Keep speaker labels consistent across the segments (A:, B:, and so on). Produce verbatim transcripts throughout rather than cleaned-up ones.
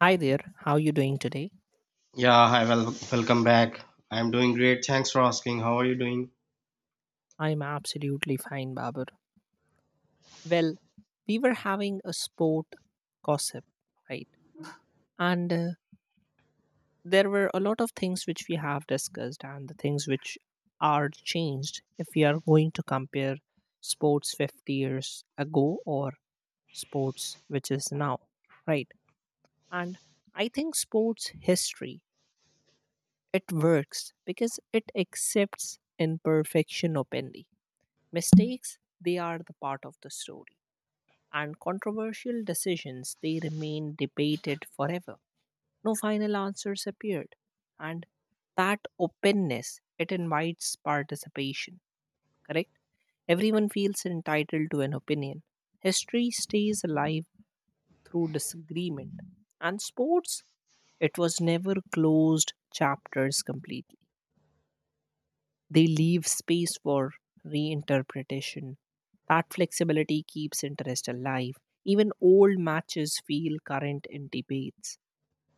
A: Hi there, how you doing today?
B: Yeah, hi, well, welcome back. I'm doing great. Thanks for asking. How are you doing?
A: I'm absolutely fine, Babur. Well, we were having a sport gossip, right? And uh, there were a lot of things which we have discussed and the things which are changed if we are going to compare sports fifty years ago or sports which is now, right? And I think sports history it works because it accepts imperfection openly. Mistakes, they are the part of the story. And controversial decisions, they remain debated forever. No final answers appeared. And that openness, it invites participation, correct? Everyone feels entitled to an opinion. History stays alive through disagreement. And sports, it was never closed chapters completely. They leave space for reinterpretation. That flexibility keeps interest alive. Even old matches feel current in debates.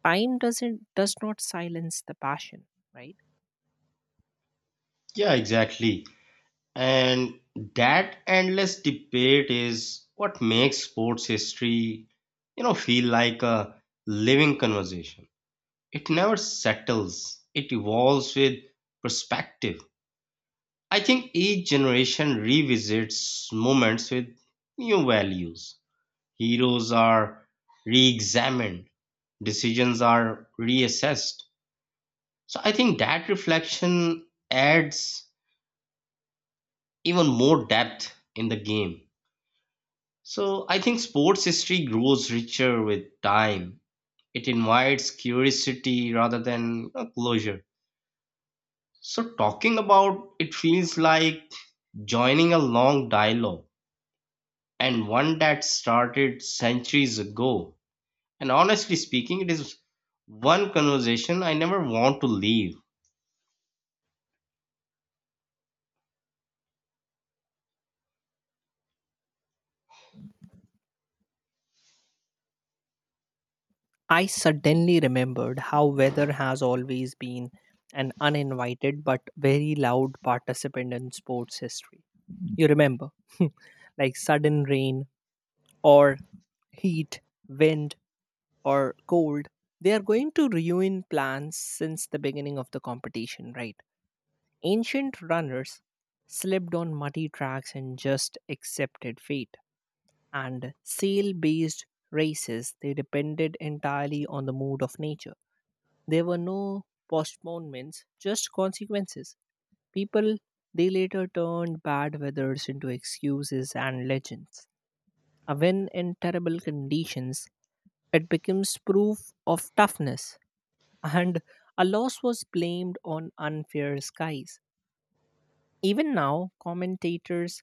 A: Time doesn't does not silence the passion, right?
B: Yeah, exactly. And that endless debate is what makes sports history, you know, feel like a living conversation. It never settles, it evolves with perspective. I think each generation revisits moments with new values. Heroes are re examined, decisions are reassessed. So I think that reflection adds even more depth in the game. So I think sports history grows richer with time. It invites curiosity rather than you closure. So talking about it feels like joining a long dialogue, and one that started centuries ago. And honestly speaking, it is one conversation I never want to leave.
A: I suddenly remembered how weather has always been an uninvited but very loud participant in sports history. You remember, like sudden rain or heat, wind, or cold, they are going to ruin plans since the beginning of the competition, right? Ancient runners slipped on muddy tracks and just accepted fate. And sail based races, they depended entirely on the mood of nature. There were no postponements, just consequences. People they later turned bad weathers into excuses and legends. A win in terrible conditions, it becomes proof of toughness and a loss was blamed on unfair skies. Even now, commentators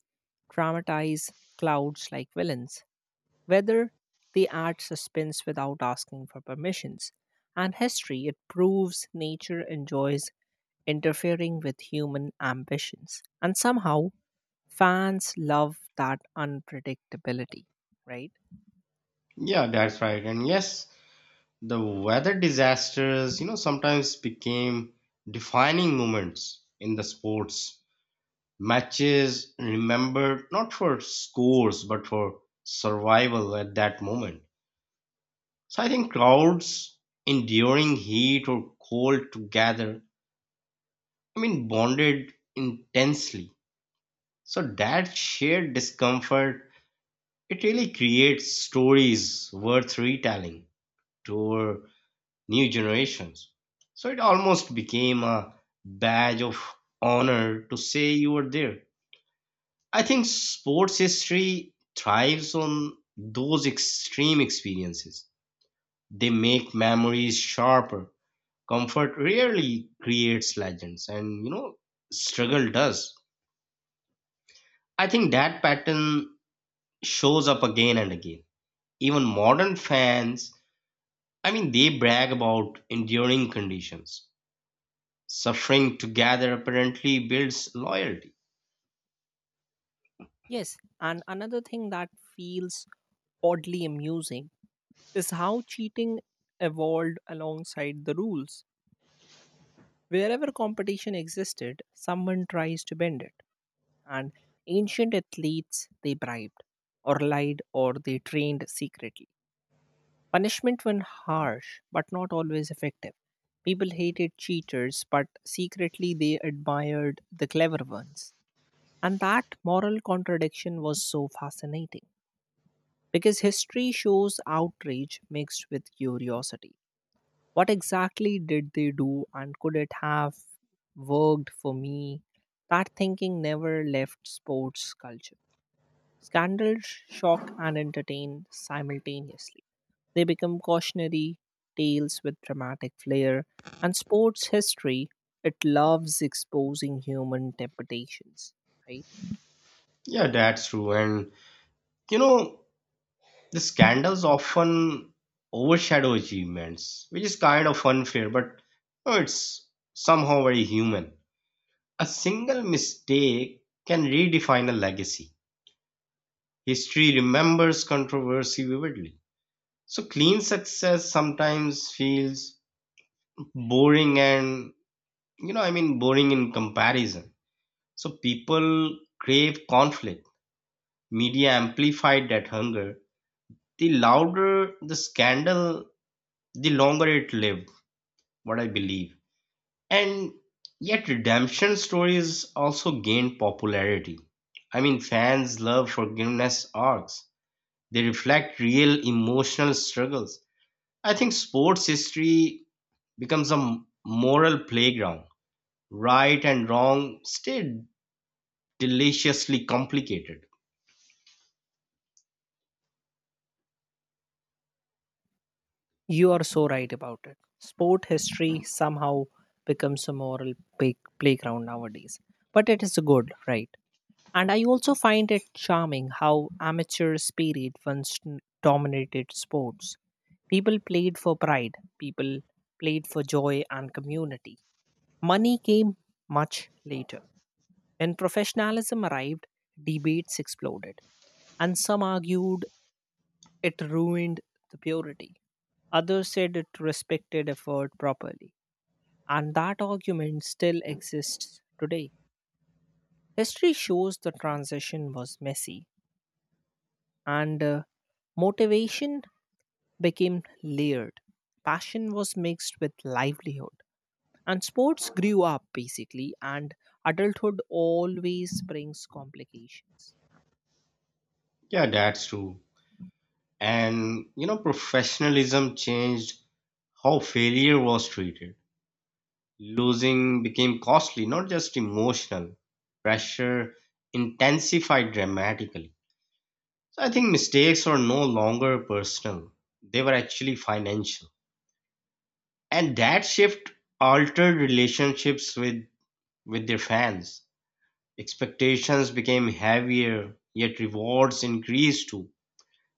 A: dramatize clouds like villains, whether they add suspense without asking for permissions. And history, it proves nature enjoys interfering with human ambitions. And somehow, fans love that unpredictability, right?
B: Yeah, that's right. And yes, the weather disasters, you know, sometimes became defining moments in the sports. Matches remembered not for scores but for survival at that moment. So I think crowds enduring heat or cold together, I mean, bonded intensely. So that shared discomfort, it really creates stories worth retelling to our new generations. So it almost became a badge of honor to say you were there. I think sports history thrives on those extreme experiences. They make memories sharper. Comfort rarely creates legends, and you know, struggle does. I think that pattern shows up again and again. Even modern fans, I mean, they brag about enduring conditions. Suffering together apparently builds loyalty.
A: Yes, and another thing that feels oddly amusing is how cheating evolved alongside the rules. Wherever competition existed, someone tries to bend it. And ancient athletes, they bribed, or lied, or they trained secretly. Punishment when harsh, but not always effective. People hated cheaters, but secretly they admired the clever ones. And that moral contradiction was so fascinating because history shows outrage mixed with curiosity. What exactly did they do, and could it have worked for me? That thinking never left sports culture. Scandals shock and entertain simultaneously. They become cautionary tales with dramatic flair, and sports history, it loves exposing human temptations, right?
B: Yeah, that's true. And you know, the scandals often overshadow achievements, which is kind of unfair, but you know, it's somehow very human. A single mistake can redefine a legacy. History remembers controversy vividly. So clean success sometimes feels boring, and you know, I mean boring in comparison. So people crave conflict. Media amplified that hunger. The louder the scandal, the longer it lived, what I believe. And yet, redemption stories also gained popularity. I mean, fans love forgiveness arcs. They reflect real emotional struggles. I think sports history becomes a m- moral playground. Right and wrong stay deliciously complicated.
A: You are so right about it. Sport history somehow becomes a moral play- playground nowadays, but it is good, right? And I also find it charming how amateur spirit once n- dominated sports. People played for pride, people played for joy and community. Money came much later. When professionalism arrived, debates exploded, and some argued it ruined the purity. Others said it respected effort properly, and that argument still exists today. History shows the transition was messy and uh, motivation became layered. Passion was mixed with livelihood, and sports grew up basically. And adulthood always brings complications.
B: Yeah, that's true. And you know, professionalism changed how failure was treated. Losing became costly, not just emotional. Pressure intensified dramatically. So I think mistakes are no longer personal, they were actually financial. And that shift altered relationships with, with their fans. Expectations became heavier, yet rewards increased too.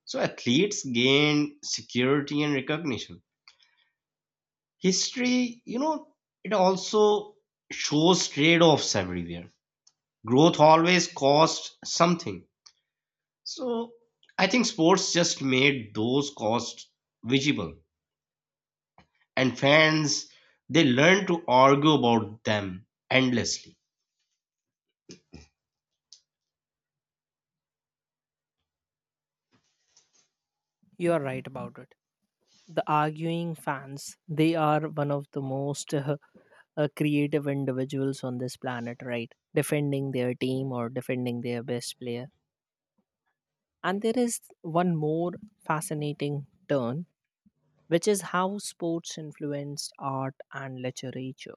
B: So athletes gained security and recognition. History, you know, it also shows trade-offs everywhere. Growth always costs something. So I think sports just made those costs visible, and fans, they learn to argue about them endlessly.
A: You are right about it. The arguing fans, they are one of the most uh, uh, creative individuals on this planet, right? Defending their team or defending their best player. And there is one more fascinating turn which is how sports influenced art and literature.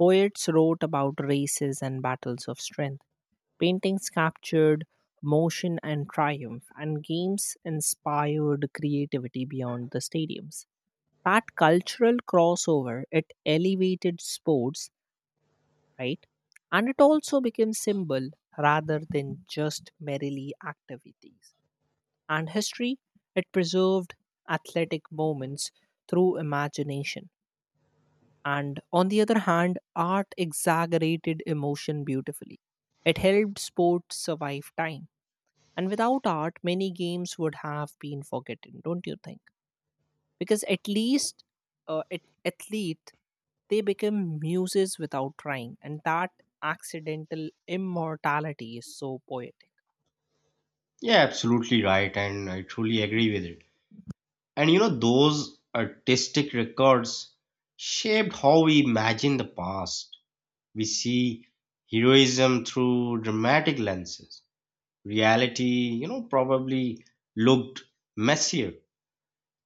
A: Poets wrote about races and battles of strength. Paintings captured motion and triumph, and games inspired creativity beyond the stadiums. That cultural crossover, it elevated sports, right? And it also became symbol rather than just merely activities. And history, it preserved athletic moments through imagination. And on the other hand, art exaggerated emotion beautifully. It helped sports survive time. And without art, many games would have been forgotten, don't you think? Because at least, uh, at, athlete, they become muses without trying. And that accidental immortality is so poetic.
B: Yeah, absolutely right, and I truly agree with it. And you know, those artistic records shaped how we imagine the past. We see heroism through dramatic lenses. Reality, you know, probably looked messier.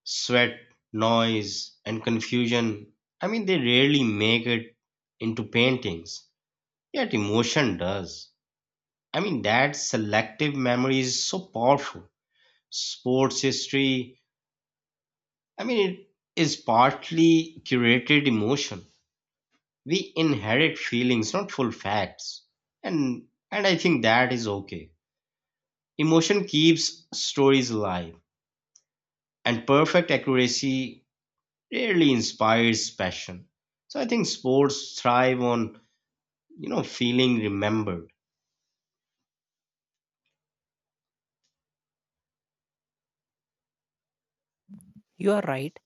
B: Sweat, noise, and confusion. I mean, they rarely make it into paintings, yet emotion does. I mean, that selective memory is so powerful. Sports history, I mean, it is partly curated emotion. We inherit feelings, not full facts. And and I think that is okay. Emotion keeps stories alive, and perfect accuracy rarely inspires passion. So I think sports thrive on, you know, feeling remembered.
A: You are right.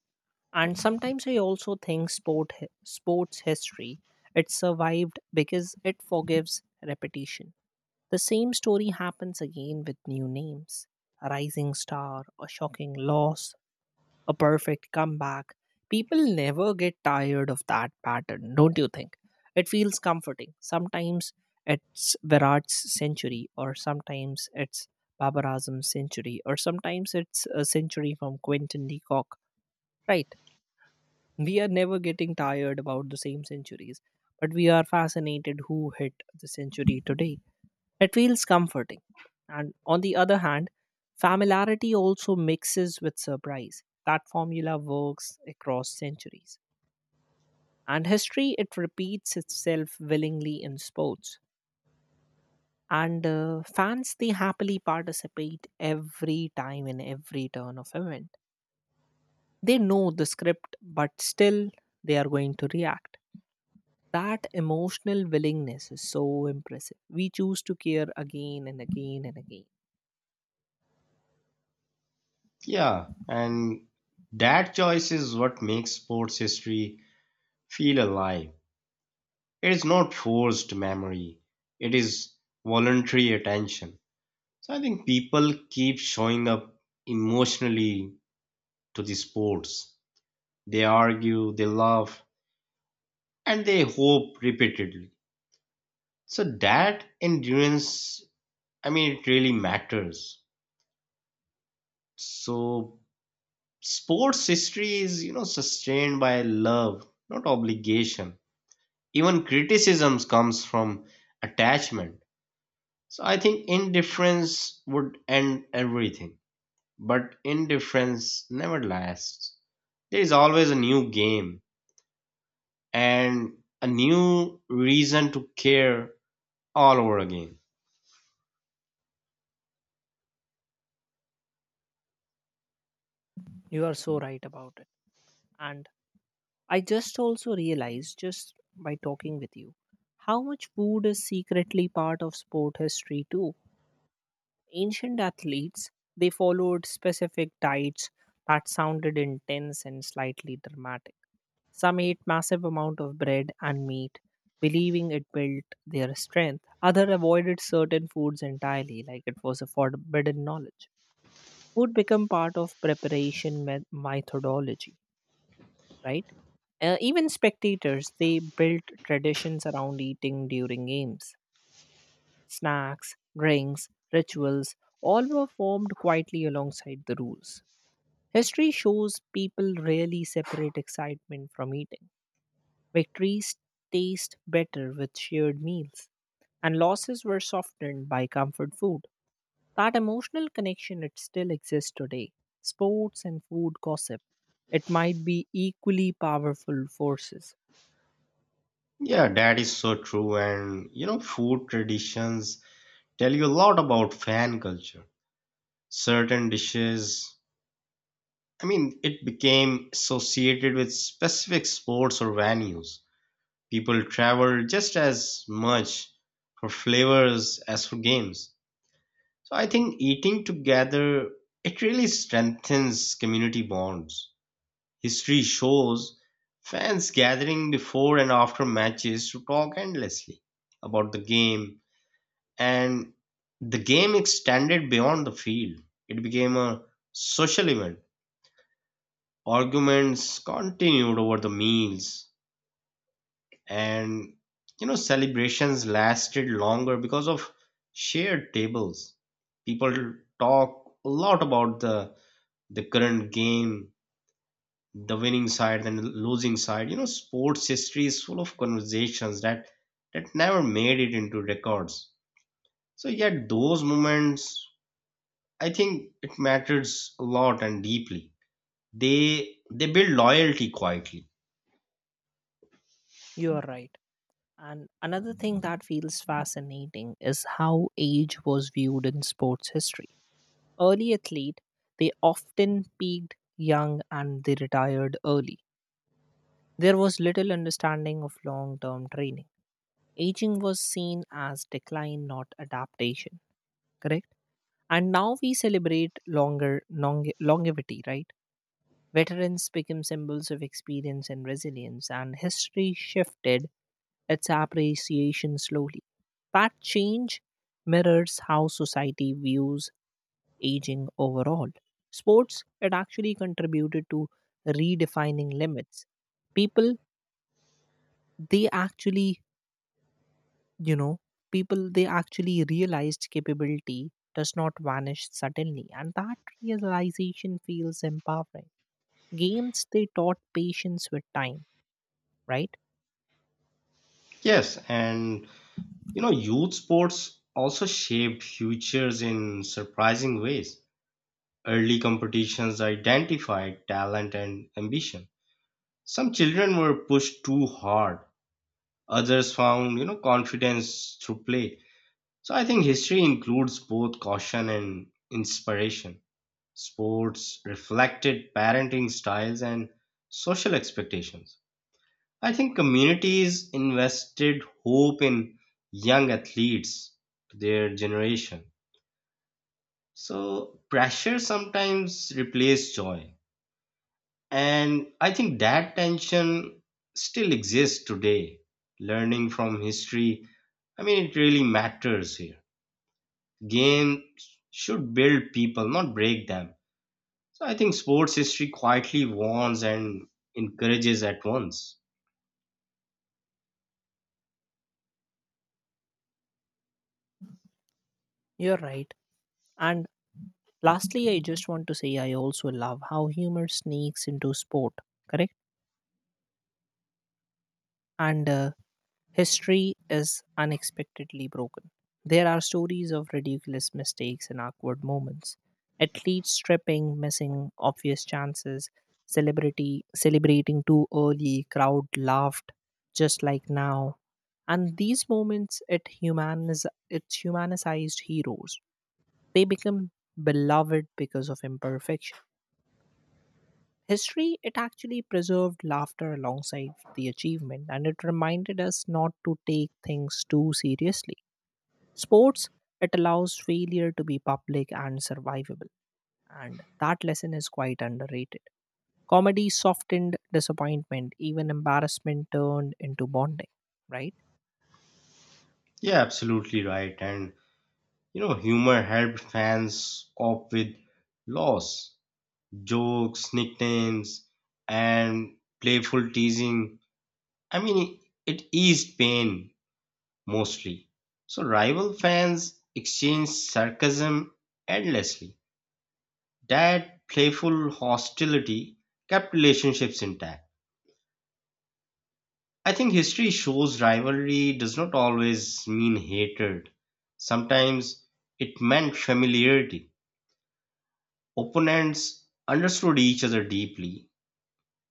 A: And sometimes I also think sport hi- sports history it survived because it forgives repetition. The same story happens again with new names. A rising star, a shocking loss, a perfect comeback. People never get tired of that pattern, don't you think? It feels comforting. Sometimes it's Virat's century, or sometimes it's Babar Azam's century, or sometimes it's a century from Quentin Decock, right? We are never getting tired about the same centuries, but we are fascinated who hit the century today. It feels comforting. And on the other hand, familiarity also mixes with surprise. That formula works across centuries. And history, it repeats itself willingly in sports. And uh, fans, they happily participate every time in every turn of event. They know the script, but still they are going to react. That emotional willingness is so impressive. We choose to care again and again and again.
B: Yeah, and that choice is what makes sports history feel alive. It is not forced memory, it is voluntary attention. So I think people keep showing up emotionally to the sports. They argue, they laugh, and they hope repeatedly. So that endurance, I mean, it really matters. So, sports history is, you know, sustained by love, not obligation. Even criticisms comes from attachment. So, I think indifference would end everything. But indifference never lasts. There is always a new game and a new reason to care all over again.
A: You are so right about it. And I just also realized, just by talking with you, how much food is secretly part of sport history too. Ancient athletes, they followed specific diets that sounded intense and slightly dramatic. Some ate massive amount of bread and meat, believing it built their strength. Other avoided certain foods entirely, like it was a forbidden knowledge. Food become part of preparation me- methodology, right? Uh, even spectators, they built traditions around eating during games. Snacks, drinks, rituals, all were formed quietly alongside the rules. History shows people rarely separate excitement from eating. Victories taste better with shared meals, and losses were softened by comfort food. That emotional connection it still exists today. Sports and food gossip, it might be equally powerful forces.
B: Yeah, that is so true. And, you know, food traditions tell you a lot about fan culture. Certain dishes, I mean, it became associated with specific sports or venues. People travel just as much for flavors as for games. So I think eating together, it really strengthens community bonds. History shows fans gathering before and after matches to talk endlessly about the game, and the game extended beyond the field. It became a social event. Arguments continued over the meals, and you know, celebrations lasted longer because of shared tables. People talk a lot about the the current game, the winning side and the losing side. You know, sports history is full of conversations that that never made it into records. So yet those moments, I think it matters a lot and deeply. They they build loyalty quietly.
A: You are right. And another thing that feels fascinating is how age was viewed in sports history. Early athlete, they often peaked young and they retired early. There was little understanding of long-term training. Aging was seen as decline, not adaptation, correct? And now we celebrate longer longe- longevity, right? Veterans become symbols of experience and resilience, and history shifted its appreciation slowly. That change mirrors how society views aging overall. Sports, it actually contributed to redefining limits. People, they actually you know People they actually realized capability does not vanish suddenly, and that realization feels empowering. Games they taught patience with time, right?
B: Yes, and you know, youth sports also shaped futures in surprising ways. Early competitions identified talent and ambition. Some children were pushed too hard. Others found, you know, confidence through play. So I think history includes both caution and inspiration. Sports reflected parenting styles and social expectations. I think communities invested hope in young athletes, their generation. So pressure sometimes replaced joy. And I think that tension still exists today. Learning from history, I mean, it really matters here. Games should build people, not break them. So I think sports history quietly warns and encourages at once.
A: You're right. And lastly I just want to say I also love how humor sneaks into sport, correct? And uh, History is unexpectedly broken. There are stories of ridiculous mistakes and awkward moments. Athletes tripping, missing obvious chances, celebrity celebrating too early, crowd laughed just like now. And these moments it humaniz it's humanized heroes. They become beloved because of imperfection. History, it actually preserved laughter alongside the achievement, and it reminded us not to take things too seriously. Sports, it allows failure to be public and survivable, and that lesson is quite underrated. Comedy softened disappointment, even embarrassment turned into bonding, right?
B: Yeah, absolutely right. And you know, humor helped fans cope with loss, jokes, nicknames, and playful teasing. I mean, it eased pain mostly. So rival fans exchanged sarcasm endlessly. That playful hostility kept relationships intact. I think history shows rivalry does not always mean hatred. Sometimes it meant familiarity. Opponents understood each other deeply.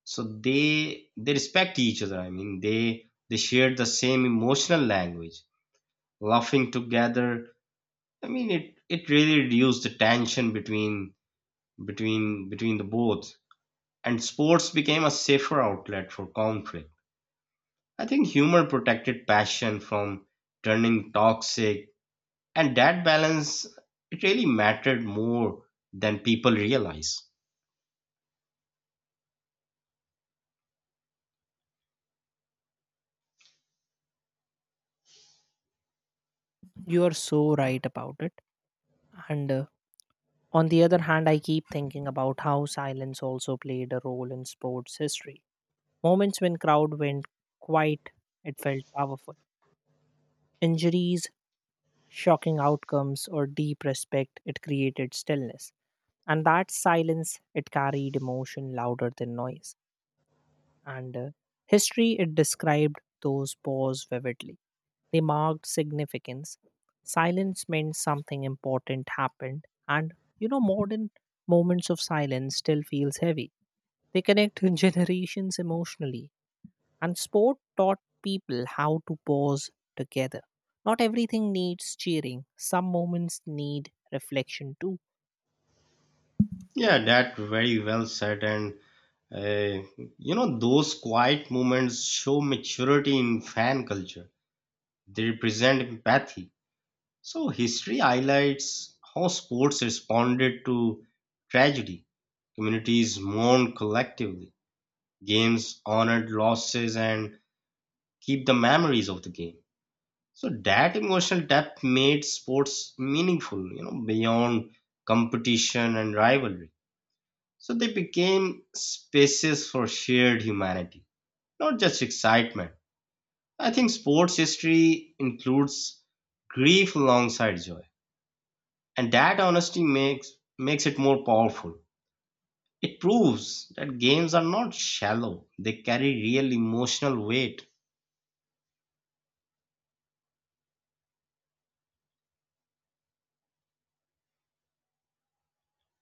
B: So they they respect each other. I mean they they shared the same emotional language, laughing together. I mean it, it really reduced the tension between between between the both. And sports became a safer outlet for conflict. I think humor protected passion from turning toxic, and that balance, it really mattered more than people realize.
A: You are so right about it. And uh, On the other hand, I keep thinking about how silence also played a role in sports history. Moments when crowd went quiet, it felt powerful. Injuries, shocking outcomes, or deep respect, it created stillness. And that silence, it carried emotion louder than noise. And uh, history it described those wars vividly. They marked significance. Silence meant something important happened, and you know, modern moments of silence still feels heavy. They connect generations emotionally, and sport taught people how to pause together. Not everything needs cheering. Some moments need reflection too.
B: Yeah, that very well said. And uh, you know, those quiet moments show maturity in fan culture. They represent empathy. So history highlights how sports responded to tragedy. Communities mourned collectively. Games honored losses and keep the memories of the game. So that emotional depth made sports meaningful, you know, beyond competition and rivalry. So they became spaces for shared humanity, not just excitement. I think sports history includes grief alongside joy, and that honesty makes makes it more powerful. It proves that games are not shallow; they carry real emotional weight.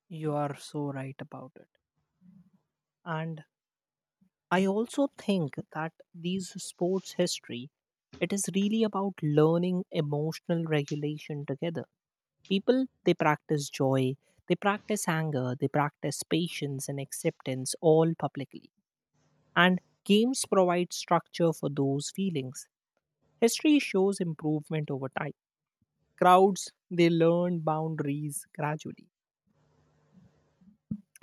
A: You are so right about it. And I also think that these sports history, it is really about learning emotional regulation together. People, they practice joy, they practice anger, they practice patience and acceptance all publicly. And games provide structure for those feelings. History shows improvement over time. Crowds, they learn boundaries gradually.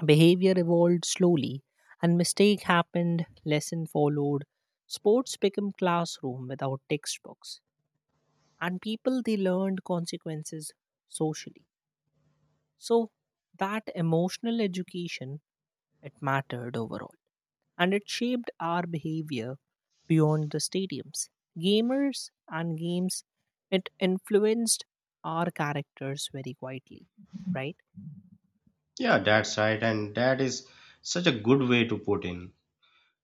A: Behavior evolved slowly, and mistake happened, lesson followed. Sports became classroom without textbooks, and people they learned consequences socially. So that emotional education it mattered overall, and it shaped our behavior beyond the stadiums. Gamers and games it influenced our characters very quietly, right?
B: Yeah, that's right, and that is such a good way to put in.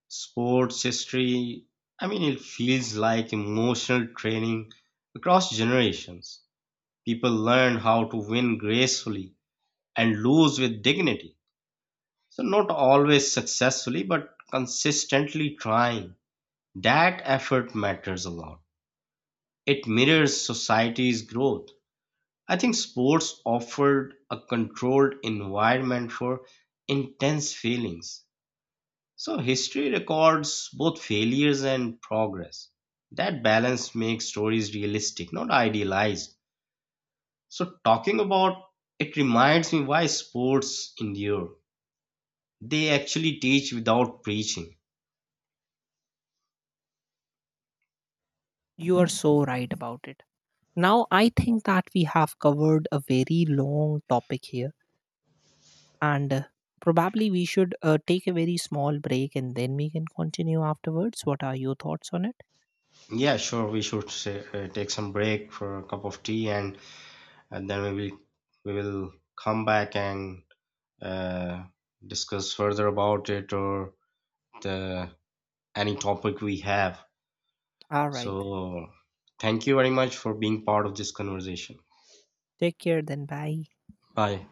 B: Sports history, I mean, it feels like emotional training across generations. People learn how to win gracefully and lose with dignity. So, not always successfully, but consistently trying. That effort matters a lot. It mirrors society's growth. I think sports offered a controlled environment for intense feelings. So history records both failures and progress. That balance makes stories realistic, not idealized. So talking about it reminds me why sports endure. They actually teach without preaching.
A: You are so right about it. Now, I think that we have covered a very long topic here, and uh, probably we should uh, take a very small break and then we can continue afterwards. What are your thoughts on it?
B: Yeah, sure. We should say, uh, take some break for a cup of tea, and, and then we will we will come back and uh, discuss further about it or the any topic we have.
A: All right.
B: So, thank you very much for being part of this conversation.
A: Take care then. Bye.
B: Bye.